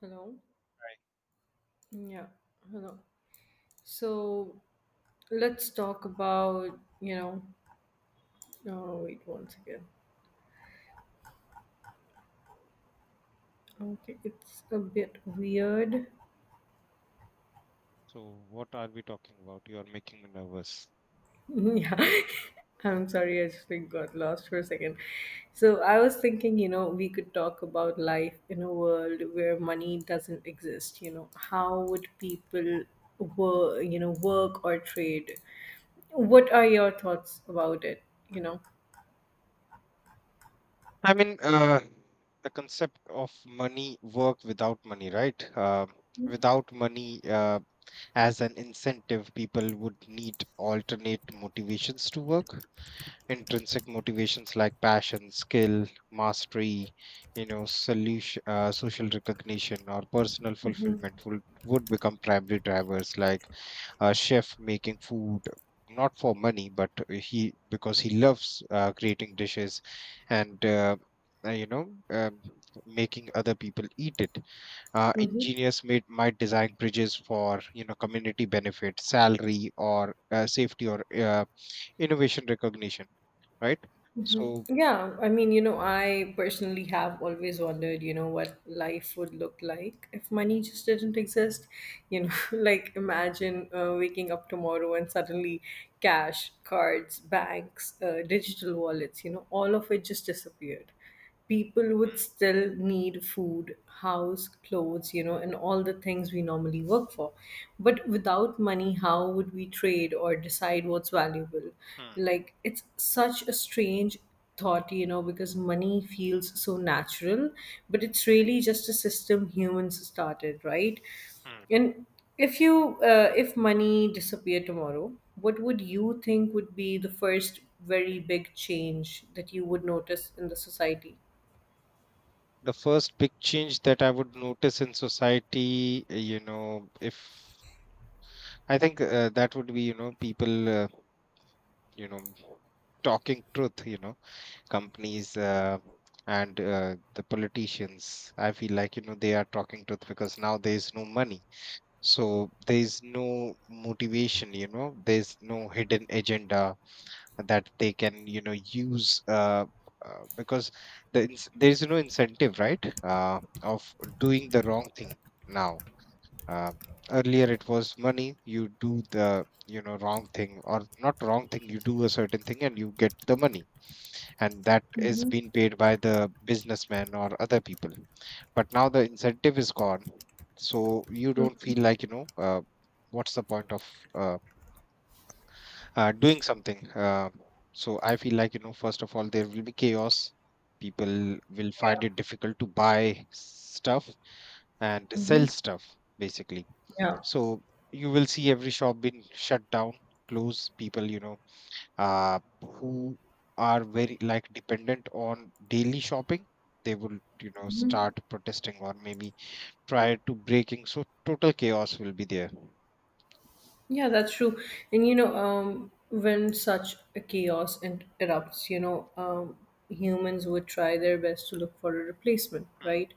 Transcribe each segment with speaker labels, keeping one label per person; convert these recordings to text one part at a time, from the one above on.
Speaker 1: Hello. Yeah. Hello. So let's talk about, you know, oh, wait once again. Okay. It's a bit weird.
Speaker 2: So what are we talking about? You are making me nervous.
Speaker 1: yeah. I'm sorry. I just got lost for a second. So I was thinking, you know, we could talk about life in a world where money doesn't exist. You know, how would people work, work or trade? What are your thoughts about it? You know?
Speaker 2: I mean, the concept of money, work without money, right? Without money as an incentive, people would need alternate motivations to work. Intrinsic motivations like passion, skill, mastery, you know, solution, social recognition, or personal fulfillment would become primary drivers, like a chef making food not for money but he because he loves creating dishes and uh, you know um, making other people eat it.
Speaker 1: Mm-hmm.
Speaker 2: Engineers might design bridges for, you know, community benefit, salary, or safety, or innovation recognition, right? So
Speaker 1: Yeah, I mean, you know, I personally have always wondered, you know, what life would look like if money just didn't exist. You know, like imagine waking up tomorrow and suddenly cash, cards, banks, digital wallets, you know, all of it just disappeared. People would
Speaker 2: hmm,
Speaker 1: still need food, house, clothes, you know, and all the things we normally work for. But without money, how would we trade or decide what's valuable?
Speaker 2: hmm,
Speaker 1: Like, it's such a strange thought, you know, because money feels so natural, but it's really just a system humans started, right?
Speaker 2: hmm.
Speaker 1: And if money disappeared tomorrow, what would you think would be the first very big change that you would notice in the society?
Speaker 2: The first big change that I would notice in society, you know, if I think, that would be, you know, people you know talking truth, you know, companies and the politicians. I feel like, you know, they are talking truth because now there is no money, so there is no motivation. You know, there's no hidden agenda that they can, you know, use. Because there is no incentive, right, of doing the wrong thing now. uh, Earlier it was money. You do the, you know, wrong thing or not wrong thing, you do a certain thing and you get the money, and that is being paid by the businessman or other people. But now the incentive is gone, so you don't feel like, you know, what's the point of uh, doing something? So I feel like, you know, first of all, there will be chaos. People will find
Speaker 1: Yeah.
Speaker 2: it difficult to buy stuff and sell
Speaker 1: Hmm.
Speaker 2: stuff, basically.
Speaker 1: Yeah.
Speaker 2: So you will see every shop being shut down, close. People, you know, uh who are very like dependent on daily shopping, they will, you know, start protesting, or maybe try to breaking. So total chaos will be there.
Speaker 1: Yeah, that's true. And you know, when such erupts, humans would try their best to look for a replacement,
Speaker 2: Hmm,
Speaker 1: right?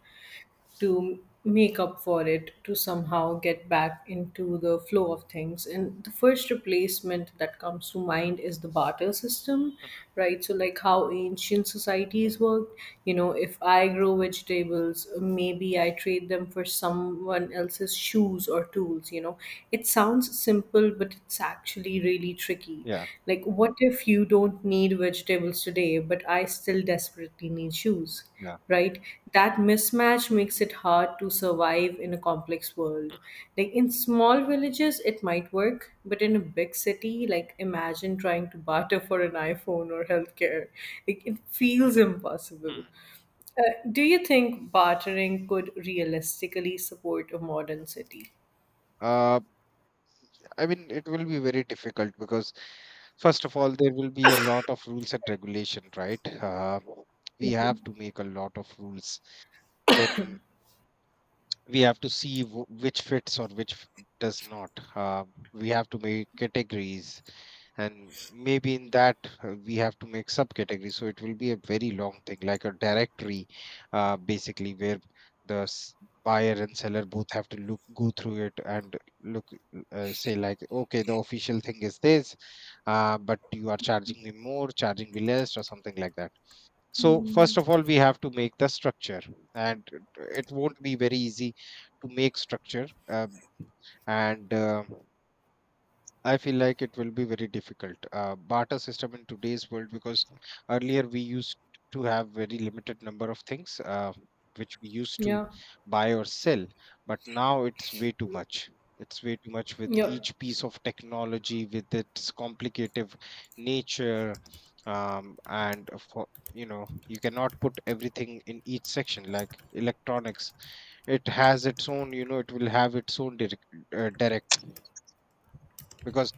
Speaker 1: To make up for it, to somehow get back into the flow of things. And the first replacement that comes to mind is the barter system,
Speaker 2: hmm,
Speaker 1: right? So like how ancient societies worked. You know, if I grow vegetables, maybe I trade them for someone else's shoes or tools. You know, it sounds simple but it's actually really tricky.
Speaker 2: yeah,
Speaker 1: Like, what if you don't need vegetables today but I still desperately need shoes,
Speaker 2: yeah,
Speaker 1: right? That mismatch makes it hard to survive in a complex world. Like, in small villages it might work, but in a big city, like imagine trying to barter for an iPhone or healthcare. Like, it feels impossible.
Speaker 2: hmm.
Speaker 1: uh, do you think bartering could realistically support a modern city?
Speaker 2: uh, I mean, it will be very difficult because, first of all, there will be a lot of rules and regulation, right? We have to make a lot of rules. Then we have to see which fits or which does not. We have to make categories, and maybe in that, we have to make subcategories. So it will be a very long thing, like a directory, basically where the buyer and seller both have to look go through it and look, say like okay, the official thing is this, but you are charging me more, charging me less, or something like that. So first of all we have to make the structure, and it won't be very easy to make structure. And I feel like it will be very difficult, barter system in today's world, because earlier we used to have very limited number of things which we used to
Speaker 1: Yeah.
Speaker 2: buy or sell. But now it's way too much. It's way too much with
Speaker 1: Yeah.
Speaker 2: each piece of technology, with its complicated nature. Um, and for you know, you cannot put everything in each section like electronics. It has its own, you know, it will have its own direct, direct, because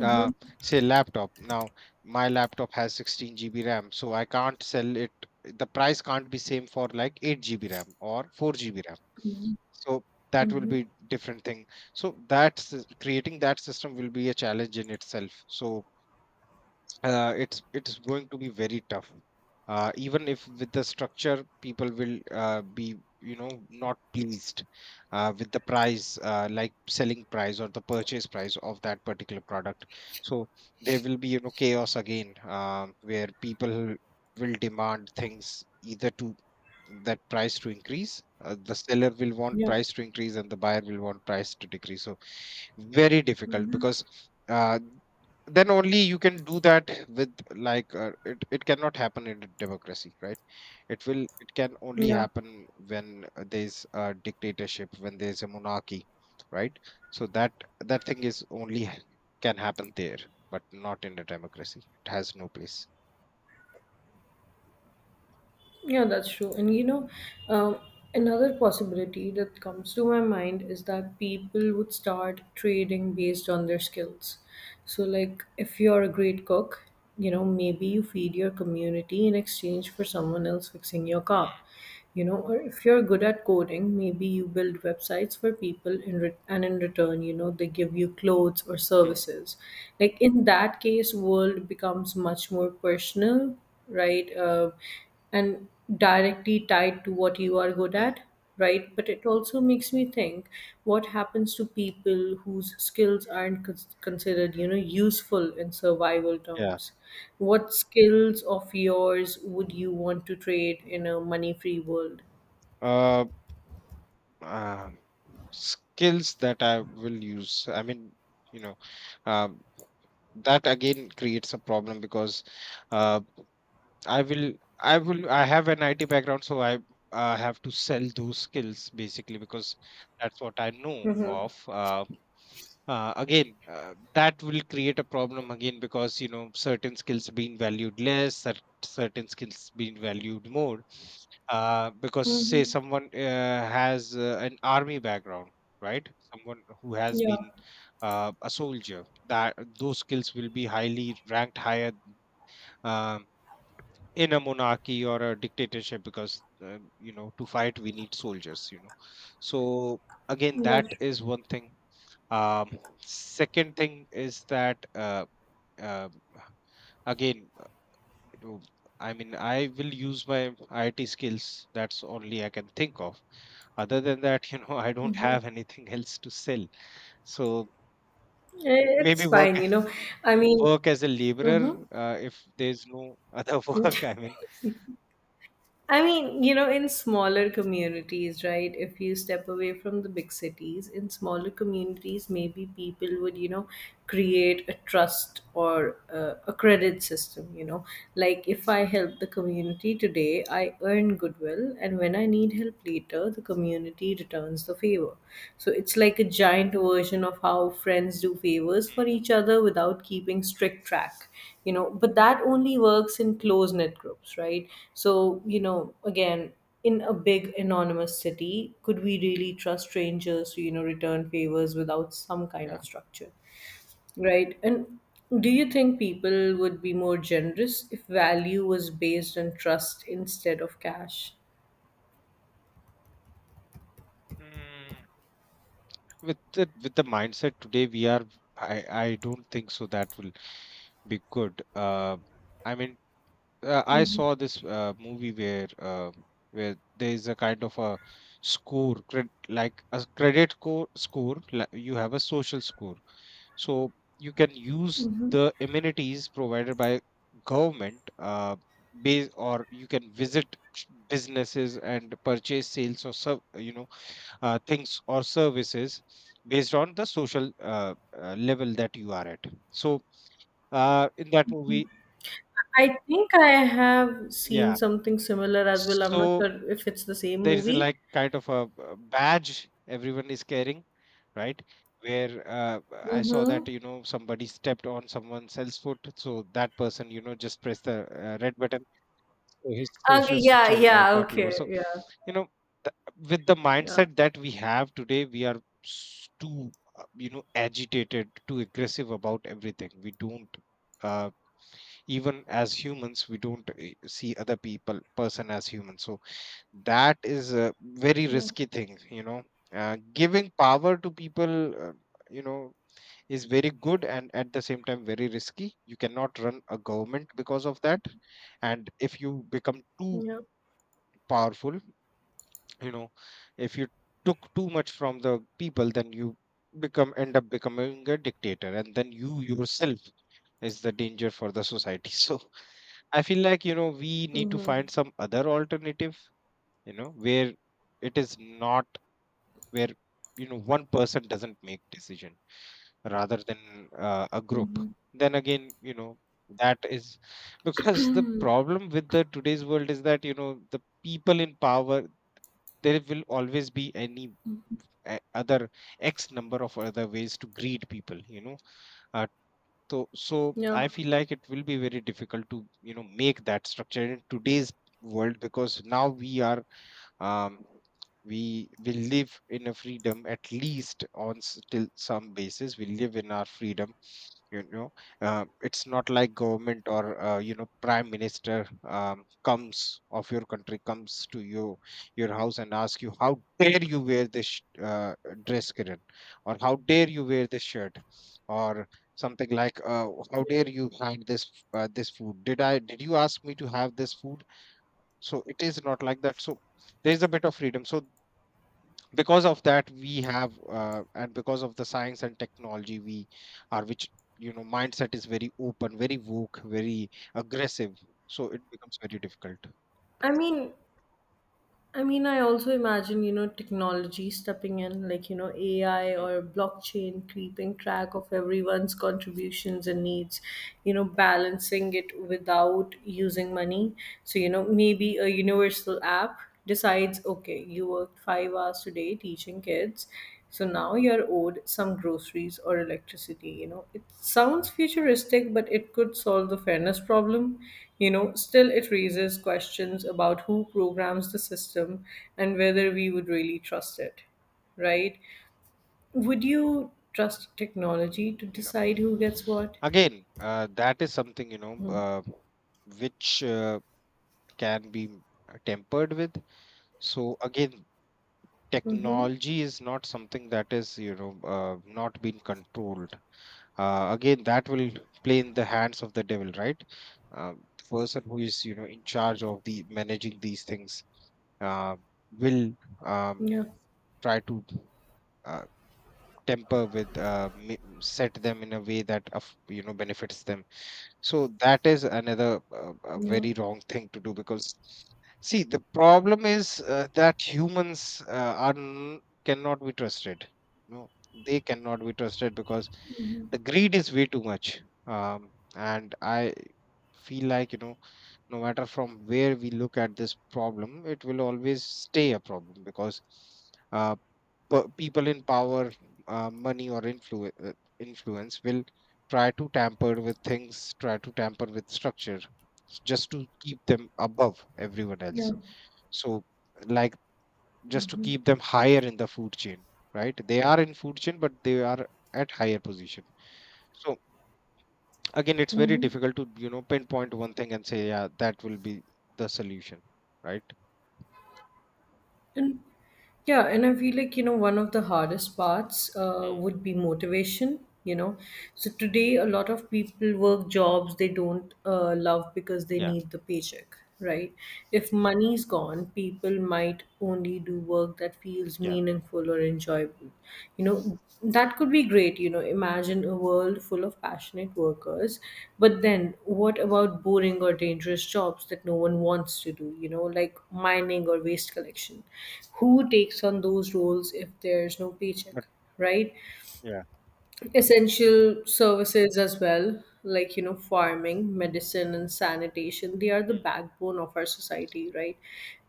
Speaker 2: uh, say laptop now, my laptop has 16 GB ram, so I can't sell it. The price can't be same for like 8 GB ram or 4 GB ram. So that will
Speaker 1: Mm-hmm.
Speaker 2: be different thing. So that's, creating that system will be a challenge in itself. So it's going to be very tough. Even if with the structure, people will be, you know, not pleased with the price, like selling price or the purchase price of that particular product. So there will be, you know, chaos again, where people will demand things, either to that price to increase. The seller will want
Speaker 1: Yeah.
Speaker 2: price to increase, and the buyer will want price to decrease. So very difficult, because uh, then only you can do that with like, it cannot happen in a democracy, right? It can only
Speaker 1: Yeah.
Speaker 2: happen when, there's a dictatorship, when there's a monarchy, right? So that, that thing is only can happen there, but not in a democracy. It has no place.
Speaker 1: Yeah, that's true. And you know, um, another possibility that comes to my mind is that people would start trading based on their skills. So, like, if you're a great cook, you know, maybe you feed your community in exchange for someone else fixing your car.
Speaker 2: Hmm,
Speaker 1: You know, or if you're good at coding, maybe you build websites for people and in return, you know, they give you clothes or
Speaker 2: hmm,
Speaker 1: services. Like, in that case, world becomes much more personal, right? And directly tied to what you are good
Speaker 2: hmm,
Speaker 1: at. Right? But it also makes me think, what happens to people whose skills aren't considered, you know, useful in survival
Speaker 2: yeah.
Speaker 1: terms? What skills of yours would you want to trade in a money-free world?
Speaker 2: uh, uh Skills that I will use, I mean, you know, uh, that again creates a problem, because uh, I will I will I have an IT background, so I have to sell those skills, basically because that's what I know of. Again, that will create a problem again, because you know, certain skills being valued less, certain skills being valued more, because say
Speaker 1: Mm-hmm.
Speaker 2: someone has an army background, right? Someone who has
Speaker 1: Yeah,
Speaker 2: been a soldier, that, those skills will be highly ranked higher, um, in a monarchy or a dictatorship, because you know, to fight we need soldiers. You know, so again, that
Speaker 1: that's
Speaker 2: is one thing. Second thing is that, uh, again, to- I mean, I will use my IT skills. That's only I can think of. Other than that, you know, I don't have anything else to sell. So maybe
Speaker 1: it's
Speaker 2: work
Speaker 1: fine, you know. I
Speaker 2: mm,
Speaker 1: mean,
Speaker 2: work as a laborer,
Speaker 1: mm-hmm.
Speaker 2: if there's no other work. I mean,
Speaker 1: I mean, you know, in smaller communities, right? If you step away from the big cities, in smaller communities, maybe people would, you know, create a trust or a credit system, you know. Like, if I help the community today, I earn goodwill, and when I need help later, the community returns the favor. So it's like a giant version of how friends do favors drivers for each other without keeping strict track. You know, but that only works in close knit groups, right? So, you know, again, in a big anonymous city, could we really trust strangers to, you know, return favors without some kind
Speaker 2: yeah.
Speaker 1: of structure? Right? And do you think people would be more generous if value was based on trust instead of cash?
Speaker 2: Mm, with the mindset today, we are. I I don't think so. That will be good. I mean, I saw this movie where, where there is a kind of a score, like a credit score. Like you have a social score, so you can use the amenities provided by government. Base or you can visit businesses and purchase sales or you know, things or services based on the social level that you are at. So in that movie,
Speaker 1: I think I have seen
Speaker 2: yeah,
Speaker 1: something similar as well. I'm not
Speaker 2: so
Speaker 1: sure if it's the same
Speaker 2: there is a,
Speaker 1: movie.
Speaker 2: like kind of a badge everyone is carrying, right, where I saw
Speaker 1: Mm-hmm.
Speaker 2: that, you know, somebody stepped on someone else's foot, so that person, you know, just pressed the red button, so his social
Speaker 1: Okay, yeah,
Speaker 2: structure
Speaker 1: yeah,
Speaker 2: got lower.
Speaker 1: okay,
Speaker 2: So
Speaker 1: yeah,
Speaker 2: you know, with the
Speaker 1: yeah,
Speaker 2: mindset that we have today, we are too you know, agitated, too aggressive about everything. We don't uh, even as humans we don't see other people, person as human. So that is a very
Speaker 1: yeah,
Speaker 2: risky thing, you know, giving power to people, you know, is very good, and at the same time very risky. You cannot run a government because of that. And if you become too
Speaker 1: yeah.
Speaker 2: powerful, you know, if you too much from the people, then you become, end up becoming a dictator, and then you yourself is the danger for the society. So I feel like, you know, we need to
Speaker 1: Mm-hmm,
Speaker 2: find some other alternative, you know, where it is not, where, you know, one person doesn't make decision, rather than a group.
Speaker 1: mm-hmm,
Speaker 2: Then again, you know, that is, because the problem with the today's world is that, you know, the people in power, there will always be any other x number of other ways to greed people, you know. Uh, so so
Speaker 1: yeah.
Speaker 2: I feel like it will be very difficult to, you know, make that structure in today's world, because now we are, um, we will live in a freedom. At least on still some basis we live in our freedom. You know, it's not like government or, you know, prime minister, comes of your country, comes to you your house and ask you, how dare you wear this dress, Kiran? Or how dare you wear this shirt? Or something like, how dare you had this, this food? Did I, did you ask me to have this food? So it is not like that. So there is a bit of freedom. So because of that, we have, and because of the science and technology, we are, which, you know, mindset is very open, very woke, very aggressive. So it becomes very difficult.
Speaker 1: I mean, I mean, I also imagine, you know, technology stepping in, like, you know, AI
Speaker 2: Mm.
Speaker 1: or blockchain keeping track of everyone's contributions and needs, you know, balancing it without using money. So, you know, maybe a universal app decides, okay, you worked 5 hours today teaching kids. So now you're owed some groceries or electricity. You know, it sounds futuristic, but it could solve the fairness problem. You know, still, it raises questions about who programs the system and whether we would really trust it, right? Would you trust technology to
Speaker 2: No.
Speaker 1: decide who gets what?
Speaker 2: Again, that is something, you know, which can be tempered with. So again,
Speaker 1: Mm-hmm.
Speaker 2: technology is not something that is, you know, not being controlled. Again that will play in the hands of the devil, right? Um, the person who is, you know, in charge of the managing these things, uh, will, um,
Speaker 1: Yeah,
Speaker 2: try to uh, temper with, set them in a way that, of, you know, benefits them. So that is another
Speaker 1: yeah,
Speaker 2: very wrong thing to do, because see, the problem is, that humans are cannot be trusted. No, they cannot be trusted, because the greed is way too much. And I feel like no matter from where we look at this problem, it will always stay a problem because uh, people in power, money, or influence will try to tamper with things, try to tamper with structure just to keep them above everyone else.
Speaker 1: yeah.
Speaker 2: So, like, just to keep them higher in the food chain, right? They are in food chain, but they are at higher position. So, again, it's very
Speaker 1: Mm-hmm.
Speaker 2: difficult to, you know, pinpoint one thing and say, yeah, that will be the solution, right?
Speaker 1: And Yeah, and I feel like, you know, one of the hardest parts would be motivation, you know. So today, a lot of people work jobs they don't love because they
Speaker 2: Yeah,
Speaker 1: need the paycheck, right? If money's gone, people might only do work that feels
Speaker 2: yeah.
Speaker 1: meaningful or enjoyable. You know, that could be great. You know, imagine a world full of passionate workers. But then, what about boring or dangerous jobs that no one wants to do? You know, like mining or waste collection. Who takes on those roles if there's no
Speaker 2: But,
Speaker 1: paycheck? Right?
Speaker 2: yeah.
Speaker 1: Essential services as well, like, you know, farming, medicine and sanitation, they are the
Speaker 2: Hmm,
Speaker 1: backbone of our society, right?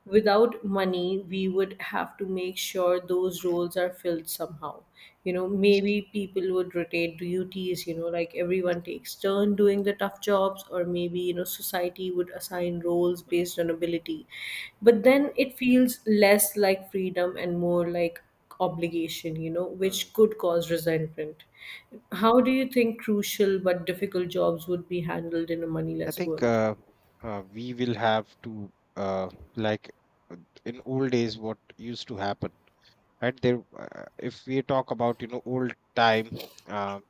Speaker 1: Without money, we would have to make sure those roles are filled somehow. You know, maybe people would rotate duties, you know, like everyone takes turn doing the tough jobs. Or maybe, you know, society would assign roles
Speaker 2: hmm,
Speaker 1: based on ability. But then it feels less like freedom and more like obligation, you know,
Speaker 2: hmm.
Speaker 1: which could cause resentment. How do you think crucial but difficult jobs would be handled in a
Speaker 2: I
Speaker 1: moneyless
Speaker 2: think
Speaker 1: world?
Speaker 2: we will have to like uh, in old days what used to happen, right? There, if we talk about old time, uh,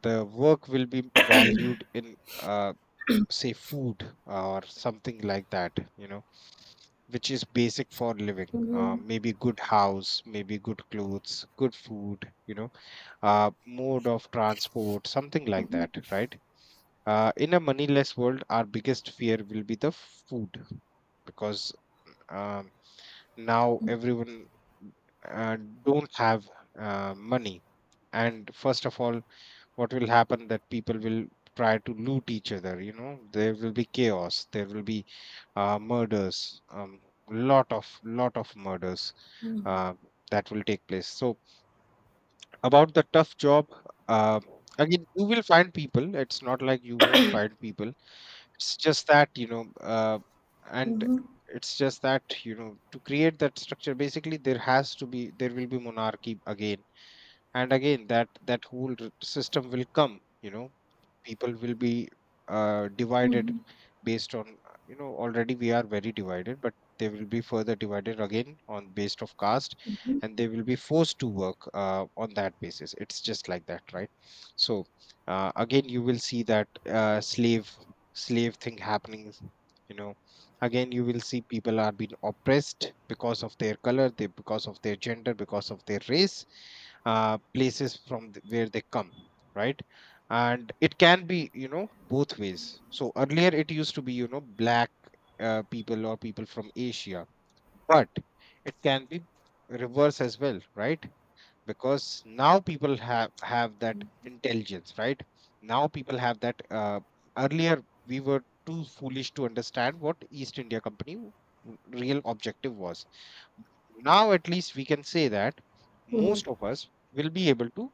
Speaker 2: the work will be valued in say food or something like that, you know, which is basic for living.
Speaker 1: Mm-hmm,
Speaker 2: Maybe good house, maybe good clothes, good food, you know, mode of transport, something like that, right? In a moneyless world, our biggest fear will be the food because um, now everyone uh, don't have money, and first of all what will happen that people will try to loot each other. You know, there will be chaos, there will be murders, lot of murders uh, that will take place. So about the tough job, uh, again you will find people, it's not like you won't find people, it's just that you know and
Speaker 1: mm-hmm,
Speaker 2: it's just that you know to create that structure, basically there has to be, there will be monarchy again, and again that whole system will come, you know. People will be divided based on you know, already we are very divided, but they will be further divided again on based of caste, and they will be forced to work on that basis. It's just like that, right? So again you will see that slave thing happening, you know. Again you will see people are being oppressed because of their color, they because of their gender, because of their race, places from where they come, right? And it can be, you know, both ways. So earlier it used to be, you know, black people or people from Asia, but it can be reverse as well, right? Because now people have that intelligence, right? Now people have that earlier we were too foolish to understand what East India Company real objective was. Now at least we can say that
Speaker 1: mm-hmm,
Speaker 2: most of us will be able to,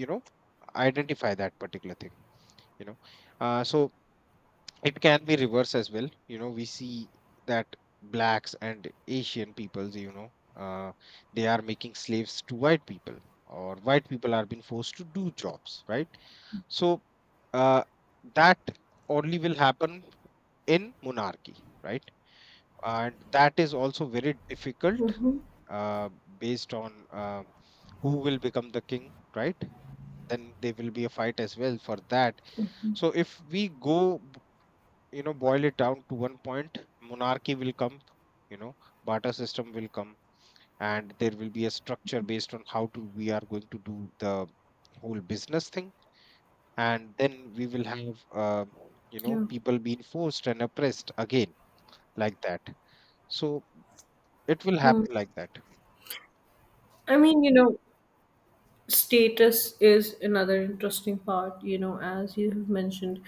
Speaker 2: you know, identify that particular thing, you know. So it can be reverse as well, you know. We see that blacks and Asian peoples, you know, they are making slaves to white people, or white people are being forced to do jobs, right? So uh, that only will happen in monarchy, right? And that is also very difficult
Speaker 1: mm-hmm,
Speaker 2: uh, based on who will become the king, right? Then there will be a fight as well for that. So if we go, you know, boil it down to one point, monarchy will come, you know, barter system will come, and there will be a structure based on how to we are going to do the whole business thing. And then we will have you know,
Speaker 1: yeah.
Speaker 2: people being forced and oppressed again, like that. So it will
Speaker 1: Hmm.
Speaker 2: happen like that.
Speaker 1: I mean, you know, status is another interesting part, you know, as you have mentioned.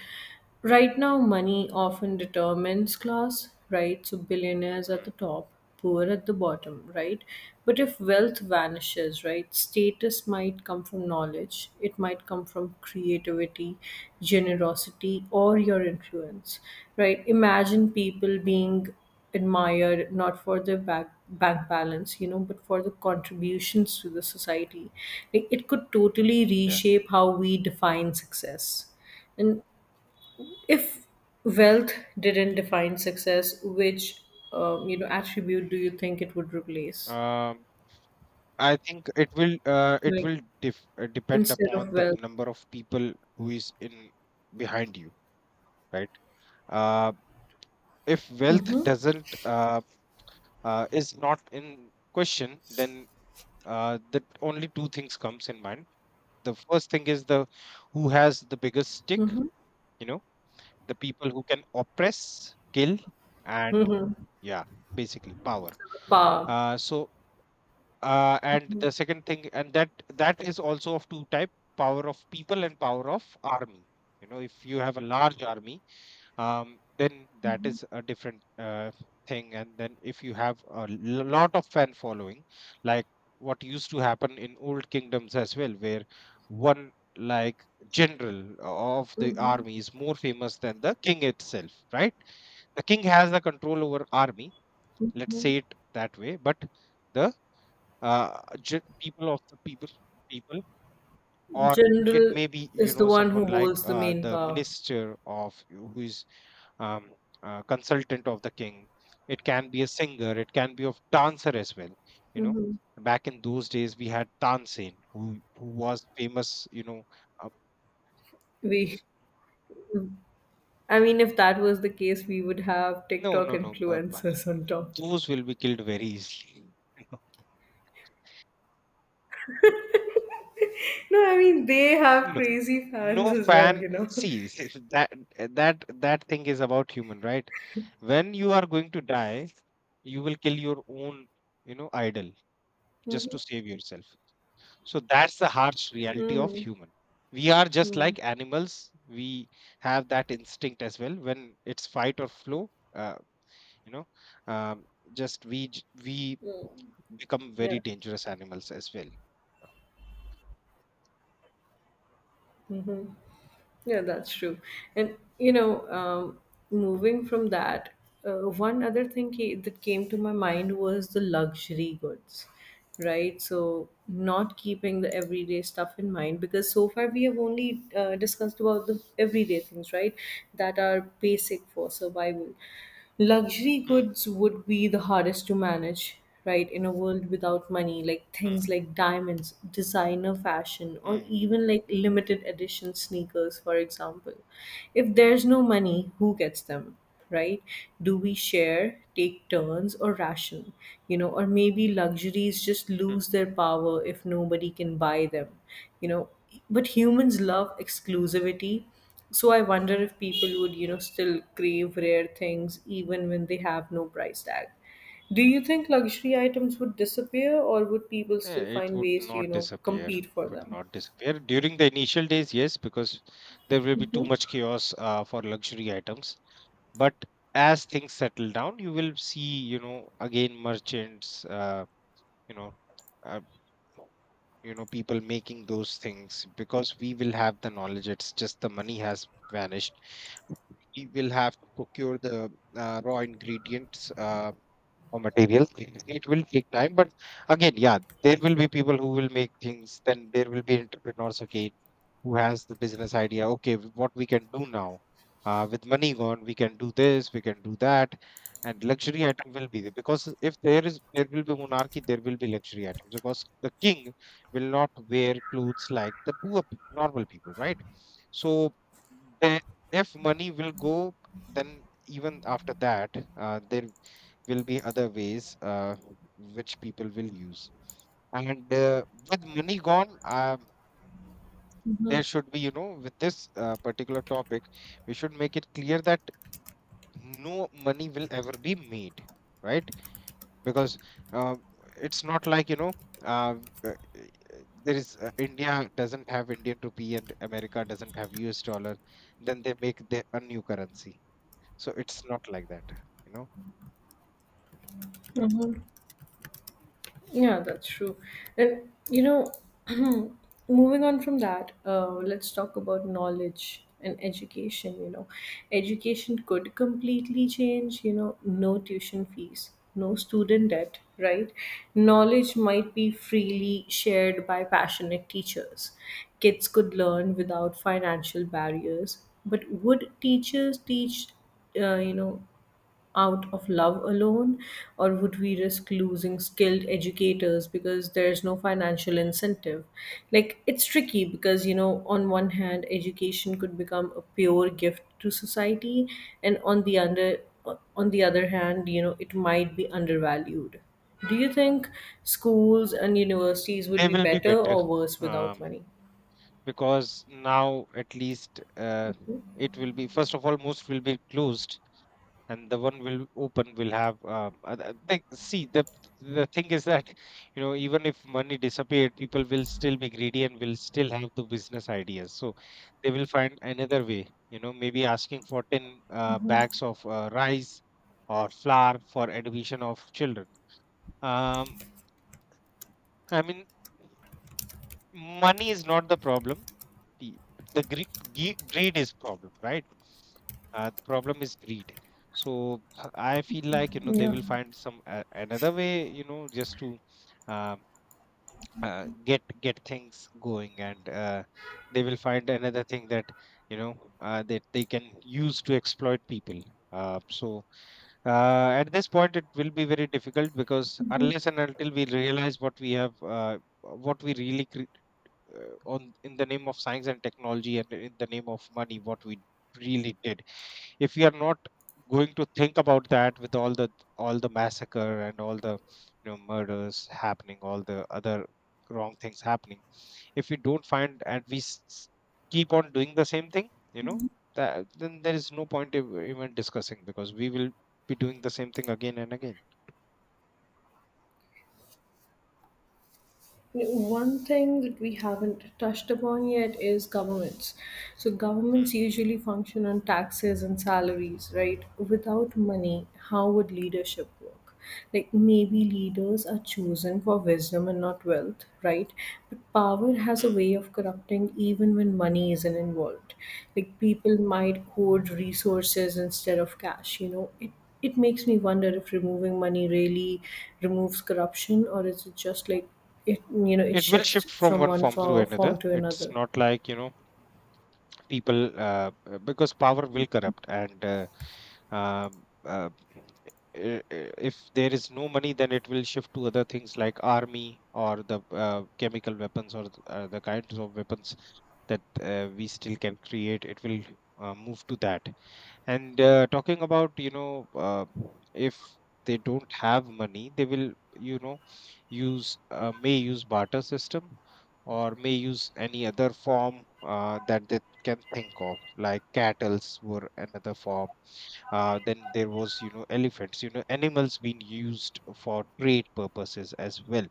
Speaker 1: Right now money often determines class, right? So billionaires at the
Speaker 2: Hmm.
Speaker 1: top, poor at the bottom, right? But if wealth vanishes, right, status might come from knowledge, it might come from creativity, generosity or your influence. Right? Imagine people being admired not for their back bank balance, you know, but for the contributions to the society. Like, it could totally
Speaker 2: Yeah.
Speaker 1: reshape how we define success. And if wealth didn't define success, which you know, attribute do you think it would replace,
Speaker 2: Um i think it
Speaker 1: like,
Speaker 2: will depend
Speaker 1: instead of
Speaker 2: upon the
Speaker 1: wealth?
Speaker 2: number of people who is in behind you, right? uh, if wealth doesn't is not in question, then the only two things comes in mind. The first thing is the who has the biggest stick,
Speaker 1: Hmm.
Speaker 2: you know, the people who can oppress, kill, and
Speaker 1: Hmm.
Speaker 2: yeah, basically power.
Speaker 1: Power.
Speaker 2: Uh, so and the second thing, and that is also of two type: power of people and power of army. You know, if you have a large army, then that is a different thing. And then if you have a lot of fan following, like what used to happen in old kingdoms as well, where one like general of the
Speaker 1: Hmm.
Speaker 2: army is more famous than the king itself, right? The king has the control over army. Let's say it that way, but the people of the people or it
Speaker 1: General
Speaker 2: may be, you
Speaker 1: is the
Speaker 2: know,
Speaker 1: one who
Speaker 2: someone like
Speaker 1: holds the main
Speaker 2: the
Speaker 1: power.
Speaker 2: minister of who is um, consultant of the king. It can be a singer. It can be of dancer as well. You know,
Speaker 1: Hmm.
Speaker 2: back in those days we had Tansen, who was famous. You know, uh,
Speaker 1: we I mean, if that was the case, we would have
Speaker 2: no,
Speaker 1: TikTok
Speaker 2: no, no.
Speaker 1: influencers on top.
Speaker 2: Those will be killed very easily.
Speaker 1: No, I mean, they have
Speaker 2: No,
Speaker 1: crazy fans
Speaker 2: no
Speaker 1: as well,
Speaker 2: fan.
Speaker 1: you know.
Speaker 2: See, see, that that thing is about human, right? When you are going to die, you will kill your own, you know, idol just to save yourself. So that's the harsh reality
Speaker 1: Mhm.
Speaker 2: of
Speaker 1: Mhm.
Speaker 2: human. We are just
Speaker 1: Mhm.
Speaker 2: like animals. We have that instinct as well. When it's fight or flow, you know, um, just we
Speaker 1: Mhm.
Speaker 2: become very
Speaker 1: Yeah.
Speaker 2: dangerous animals as well.
Speaker 1: Yeah, that's true. And you know, moving from that, one other thing that came to my mind was the luxury goods, right? So not keeping the everyday stuff in mind, because so far we have only discussed about the everyday things, right? That are basic for survival. Luxury
Speaker 2: Hmm,
Speaker 1: goods would be the hardest to manage, right, in a world without money. Like,
Speaker 2: hmm,
Speaker 1: things like diamonds, designer fashion,
Speaker 2: hmm,
Speaker 1: or
Speaker 2: hmm.
Speaker 1: even like limited edition sneakers, for example. If there's no money, who gets them, right? Do we share, take turns or ration? You know, or maybe luxuries just lose their power if nobody can buy them. You know, but humans love exclusivity, so I wonder if people would, you know, still crave rare things even when they have no price tag. Do you think luxury items would disappear or would people
Speaker 2: Yeah,
Speaker 1: still
Speaker 2: it
Speaker 1: find
Speaker 2: would
Speaker 1: ways to, you
Speaker 2: not
Speaker 1: know,
Speaker 2: disappear.
Speaker 1: compete
Speaker 2: It
Speaker 1: for
Speaker 2: Would
Speaker 1: them?
Speaker 2: not disappear during the initial days, yes, because there will be too much chaos for luxury items. But as things settle down, you will see, you know, again merchants, you know, uh, people making those things because we will have the knowledge. It's just the money has vanished. We will have to procure the raw ingredients. Raw materials. It will take time, but again, yeah, there will be people who will make things. Then there will be entrepreneurs, okay, who has the business idea. Okay, what we can do now? With money gone, we can do this, we can do that, and luxury item will be there because if there is there will be monarchy, there will be luxury items because the king will not wear clothes like the normal people, right? So the, if money will go, then even after that, there will be other ways which people will use. And with money gone, there should be, you know, with this particular topic we should make it clear that no money will ever be made, right? Because uh, it's not like, you know, uh, uh, there is India doesn't have Indian rupee and America doesn't have US dollar, then they make the, a new currency. So it's not like that, you know.
Speaker 1: Hmm. Yeah, that's true. And you know, moving on from that, let's talk about knowledge and education. You know, education could completely change. You know, no tuition fees, no student debt, right? Knowledge might be freely shared by passionate teachers. Kids could learn without financial barriers. But would teachers teach, you know, out of love alone, or would we risk losing skilled educators because there's no financial incentive? Like, it's tricky because, you know, on one hand, education could become a pure gift to society, and on the other hand, you know, it might be undervalued. Do you think schools and universities would
Speaker 2: They
Speaker 1: be
Speaker 2: will be
Speaker 1: better
Speaker 2: better,
Speaker 1: or worse without
Speaker 2: um,
Speaker 1: money?
Speaker 2: because now at least it will be, first of all, most will be closed, and the one will open will have like, see, the thing is that, you know, even if money disappeared, people will still be greedy and will still have the business ideas, so they will find another way. You know, maybe asking for 10 bags of rice or flour for education of children. Um i mean, money is not the problem. The the greed, greed is problem, right? The problem is greed. So I feel like, you know, they
Speaker 1: Yeah.
Speaker 2: will find some another way, you know, just to um, get things going. And they will find another thing that, you know, that they can use to exploit people. uh, so at this point it will be very difficult because unless and until we realize what we have what we really on in the name of science and technology and in the name of money what we really did. If we are not going to think about that with all the massacre and all the, you know, murders happening, all the other wrong things happening, if we don't find and we keep on doing the same thing, you know, that then there is no point even discussing because we will be doing the same thing again and again.
Speaker 1: One thing that we haven't touched upon yet is governments. So, governments
Speaker 2: Mm,
Speaker 1: usually function on taxes and salaries, right? Without money, how would leadership work? Like, maybe leaders are chosen for wisdom and not wealth, right? But power has a
Speaker 2: mm.
Speaker 1: way of corrupting even when money isn't involved. Like, people might hoard resources instead of cash, you know? It makes me wonder if removing money really removes corruption, or is it just like it you know, it
Speaker 2: It will
Speaker 1: shifts
Speaker 2: shift from
Speaker 1: from
Speaker 2: one
Speaker 1: one
Speaker 2: form to
Speaker 1: form,
Speaker 2: another.
Speaker 1: form to
Speaker 2: It's
Speaker 1: another.
Speaker 2: not like, you know, people because power will corrupt, and um, uh, if there is no money, then it will shift to other things like army or the chemical weapons, or the kinds of weapons that we still can create. It will move to that. And talking about, you know, if they don't have money, they will, you know, use may use barter system, or may use any other form that they can think of, like cattles were another form. Then there was, you know, elephants, you know, animals being used for trade purposes as well.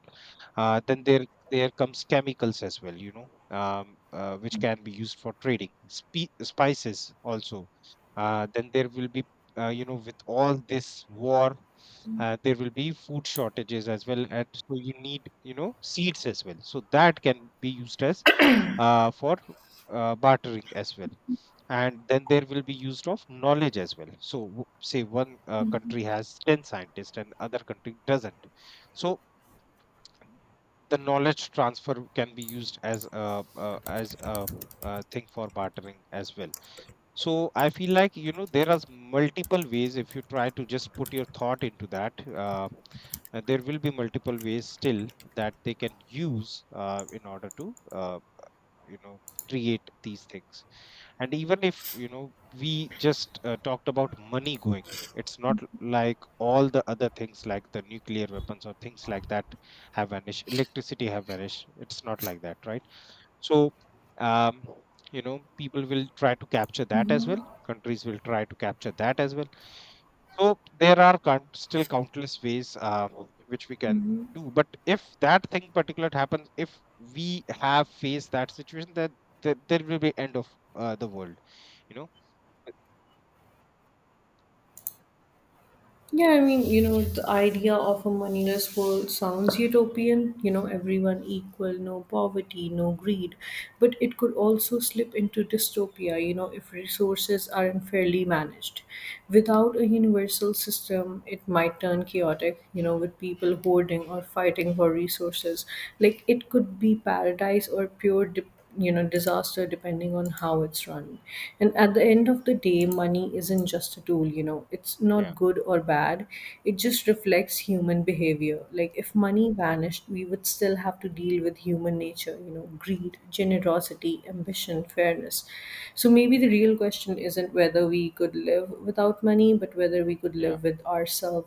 Speaker 2: Then there comes chemicals as well, you know, which can be used for trading. Spices also. Then there will be, you know, with all this war, there will be food shortages as well, and so you need, you know, seeds as well. So that can be used as for bartering as well. And then there will be used of knowledge as well. So say one country has 10 scientists and other country doesn't. So the knowledge transfer can be used as a, thing for bartering as well. So I feel like, you know, there are multiple ways. If you try to just put your thought into that, there will be multiple ways still that they can use in order to, you know, create these things. And even if, you know, we just talked about money going, it's not like all the other things like the nuclear weapons or things like that have vanished, electricity have vanished. It's not like that, right? So, um, you know, people will try to capture that as well. Countries will try to capture that as well. So there are still countless ways which we can do. But if that thing particular happens, if we have faced that situation, then there will be end of the world. You know. But-
Speaker 1: Yeah, I mean, you know, the idea of a moneyless world sounds utopian. You know, everyone equal, no poverty, no greed. But it could also slip into dystopia, you know, if resources are unfairly managed. Without a universal system, it might turn chaotic, you know, with people hoarding or fighting for resources. Like, it could be paradise or pure, you know, disaster depending on how it's run. And at the end of the day, money isn't just a tool, you know. It's
Speaker 2: Yeah.
Speaker 1: not good or bad, it just reflects human behavior. Like, if money vanished, we would still have to deal with human nature, you know. Greed, generosity, ambition, fairness. So maybe the real question isn't whether we could live without money, but whether we could
Speaker 2: Yeah.
Speaker 1: live with ourselves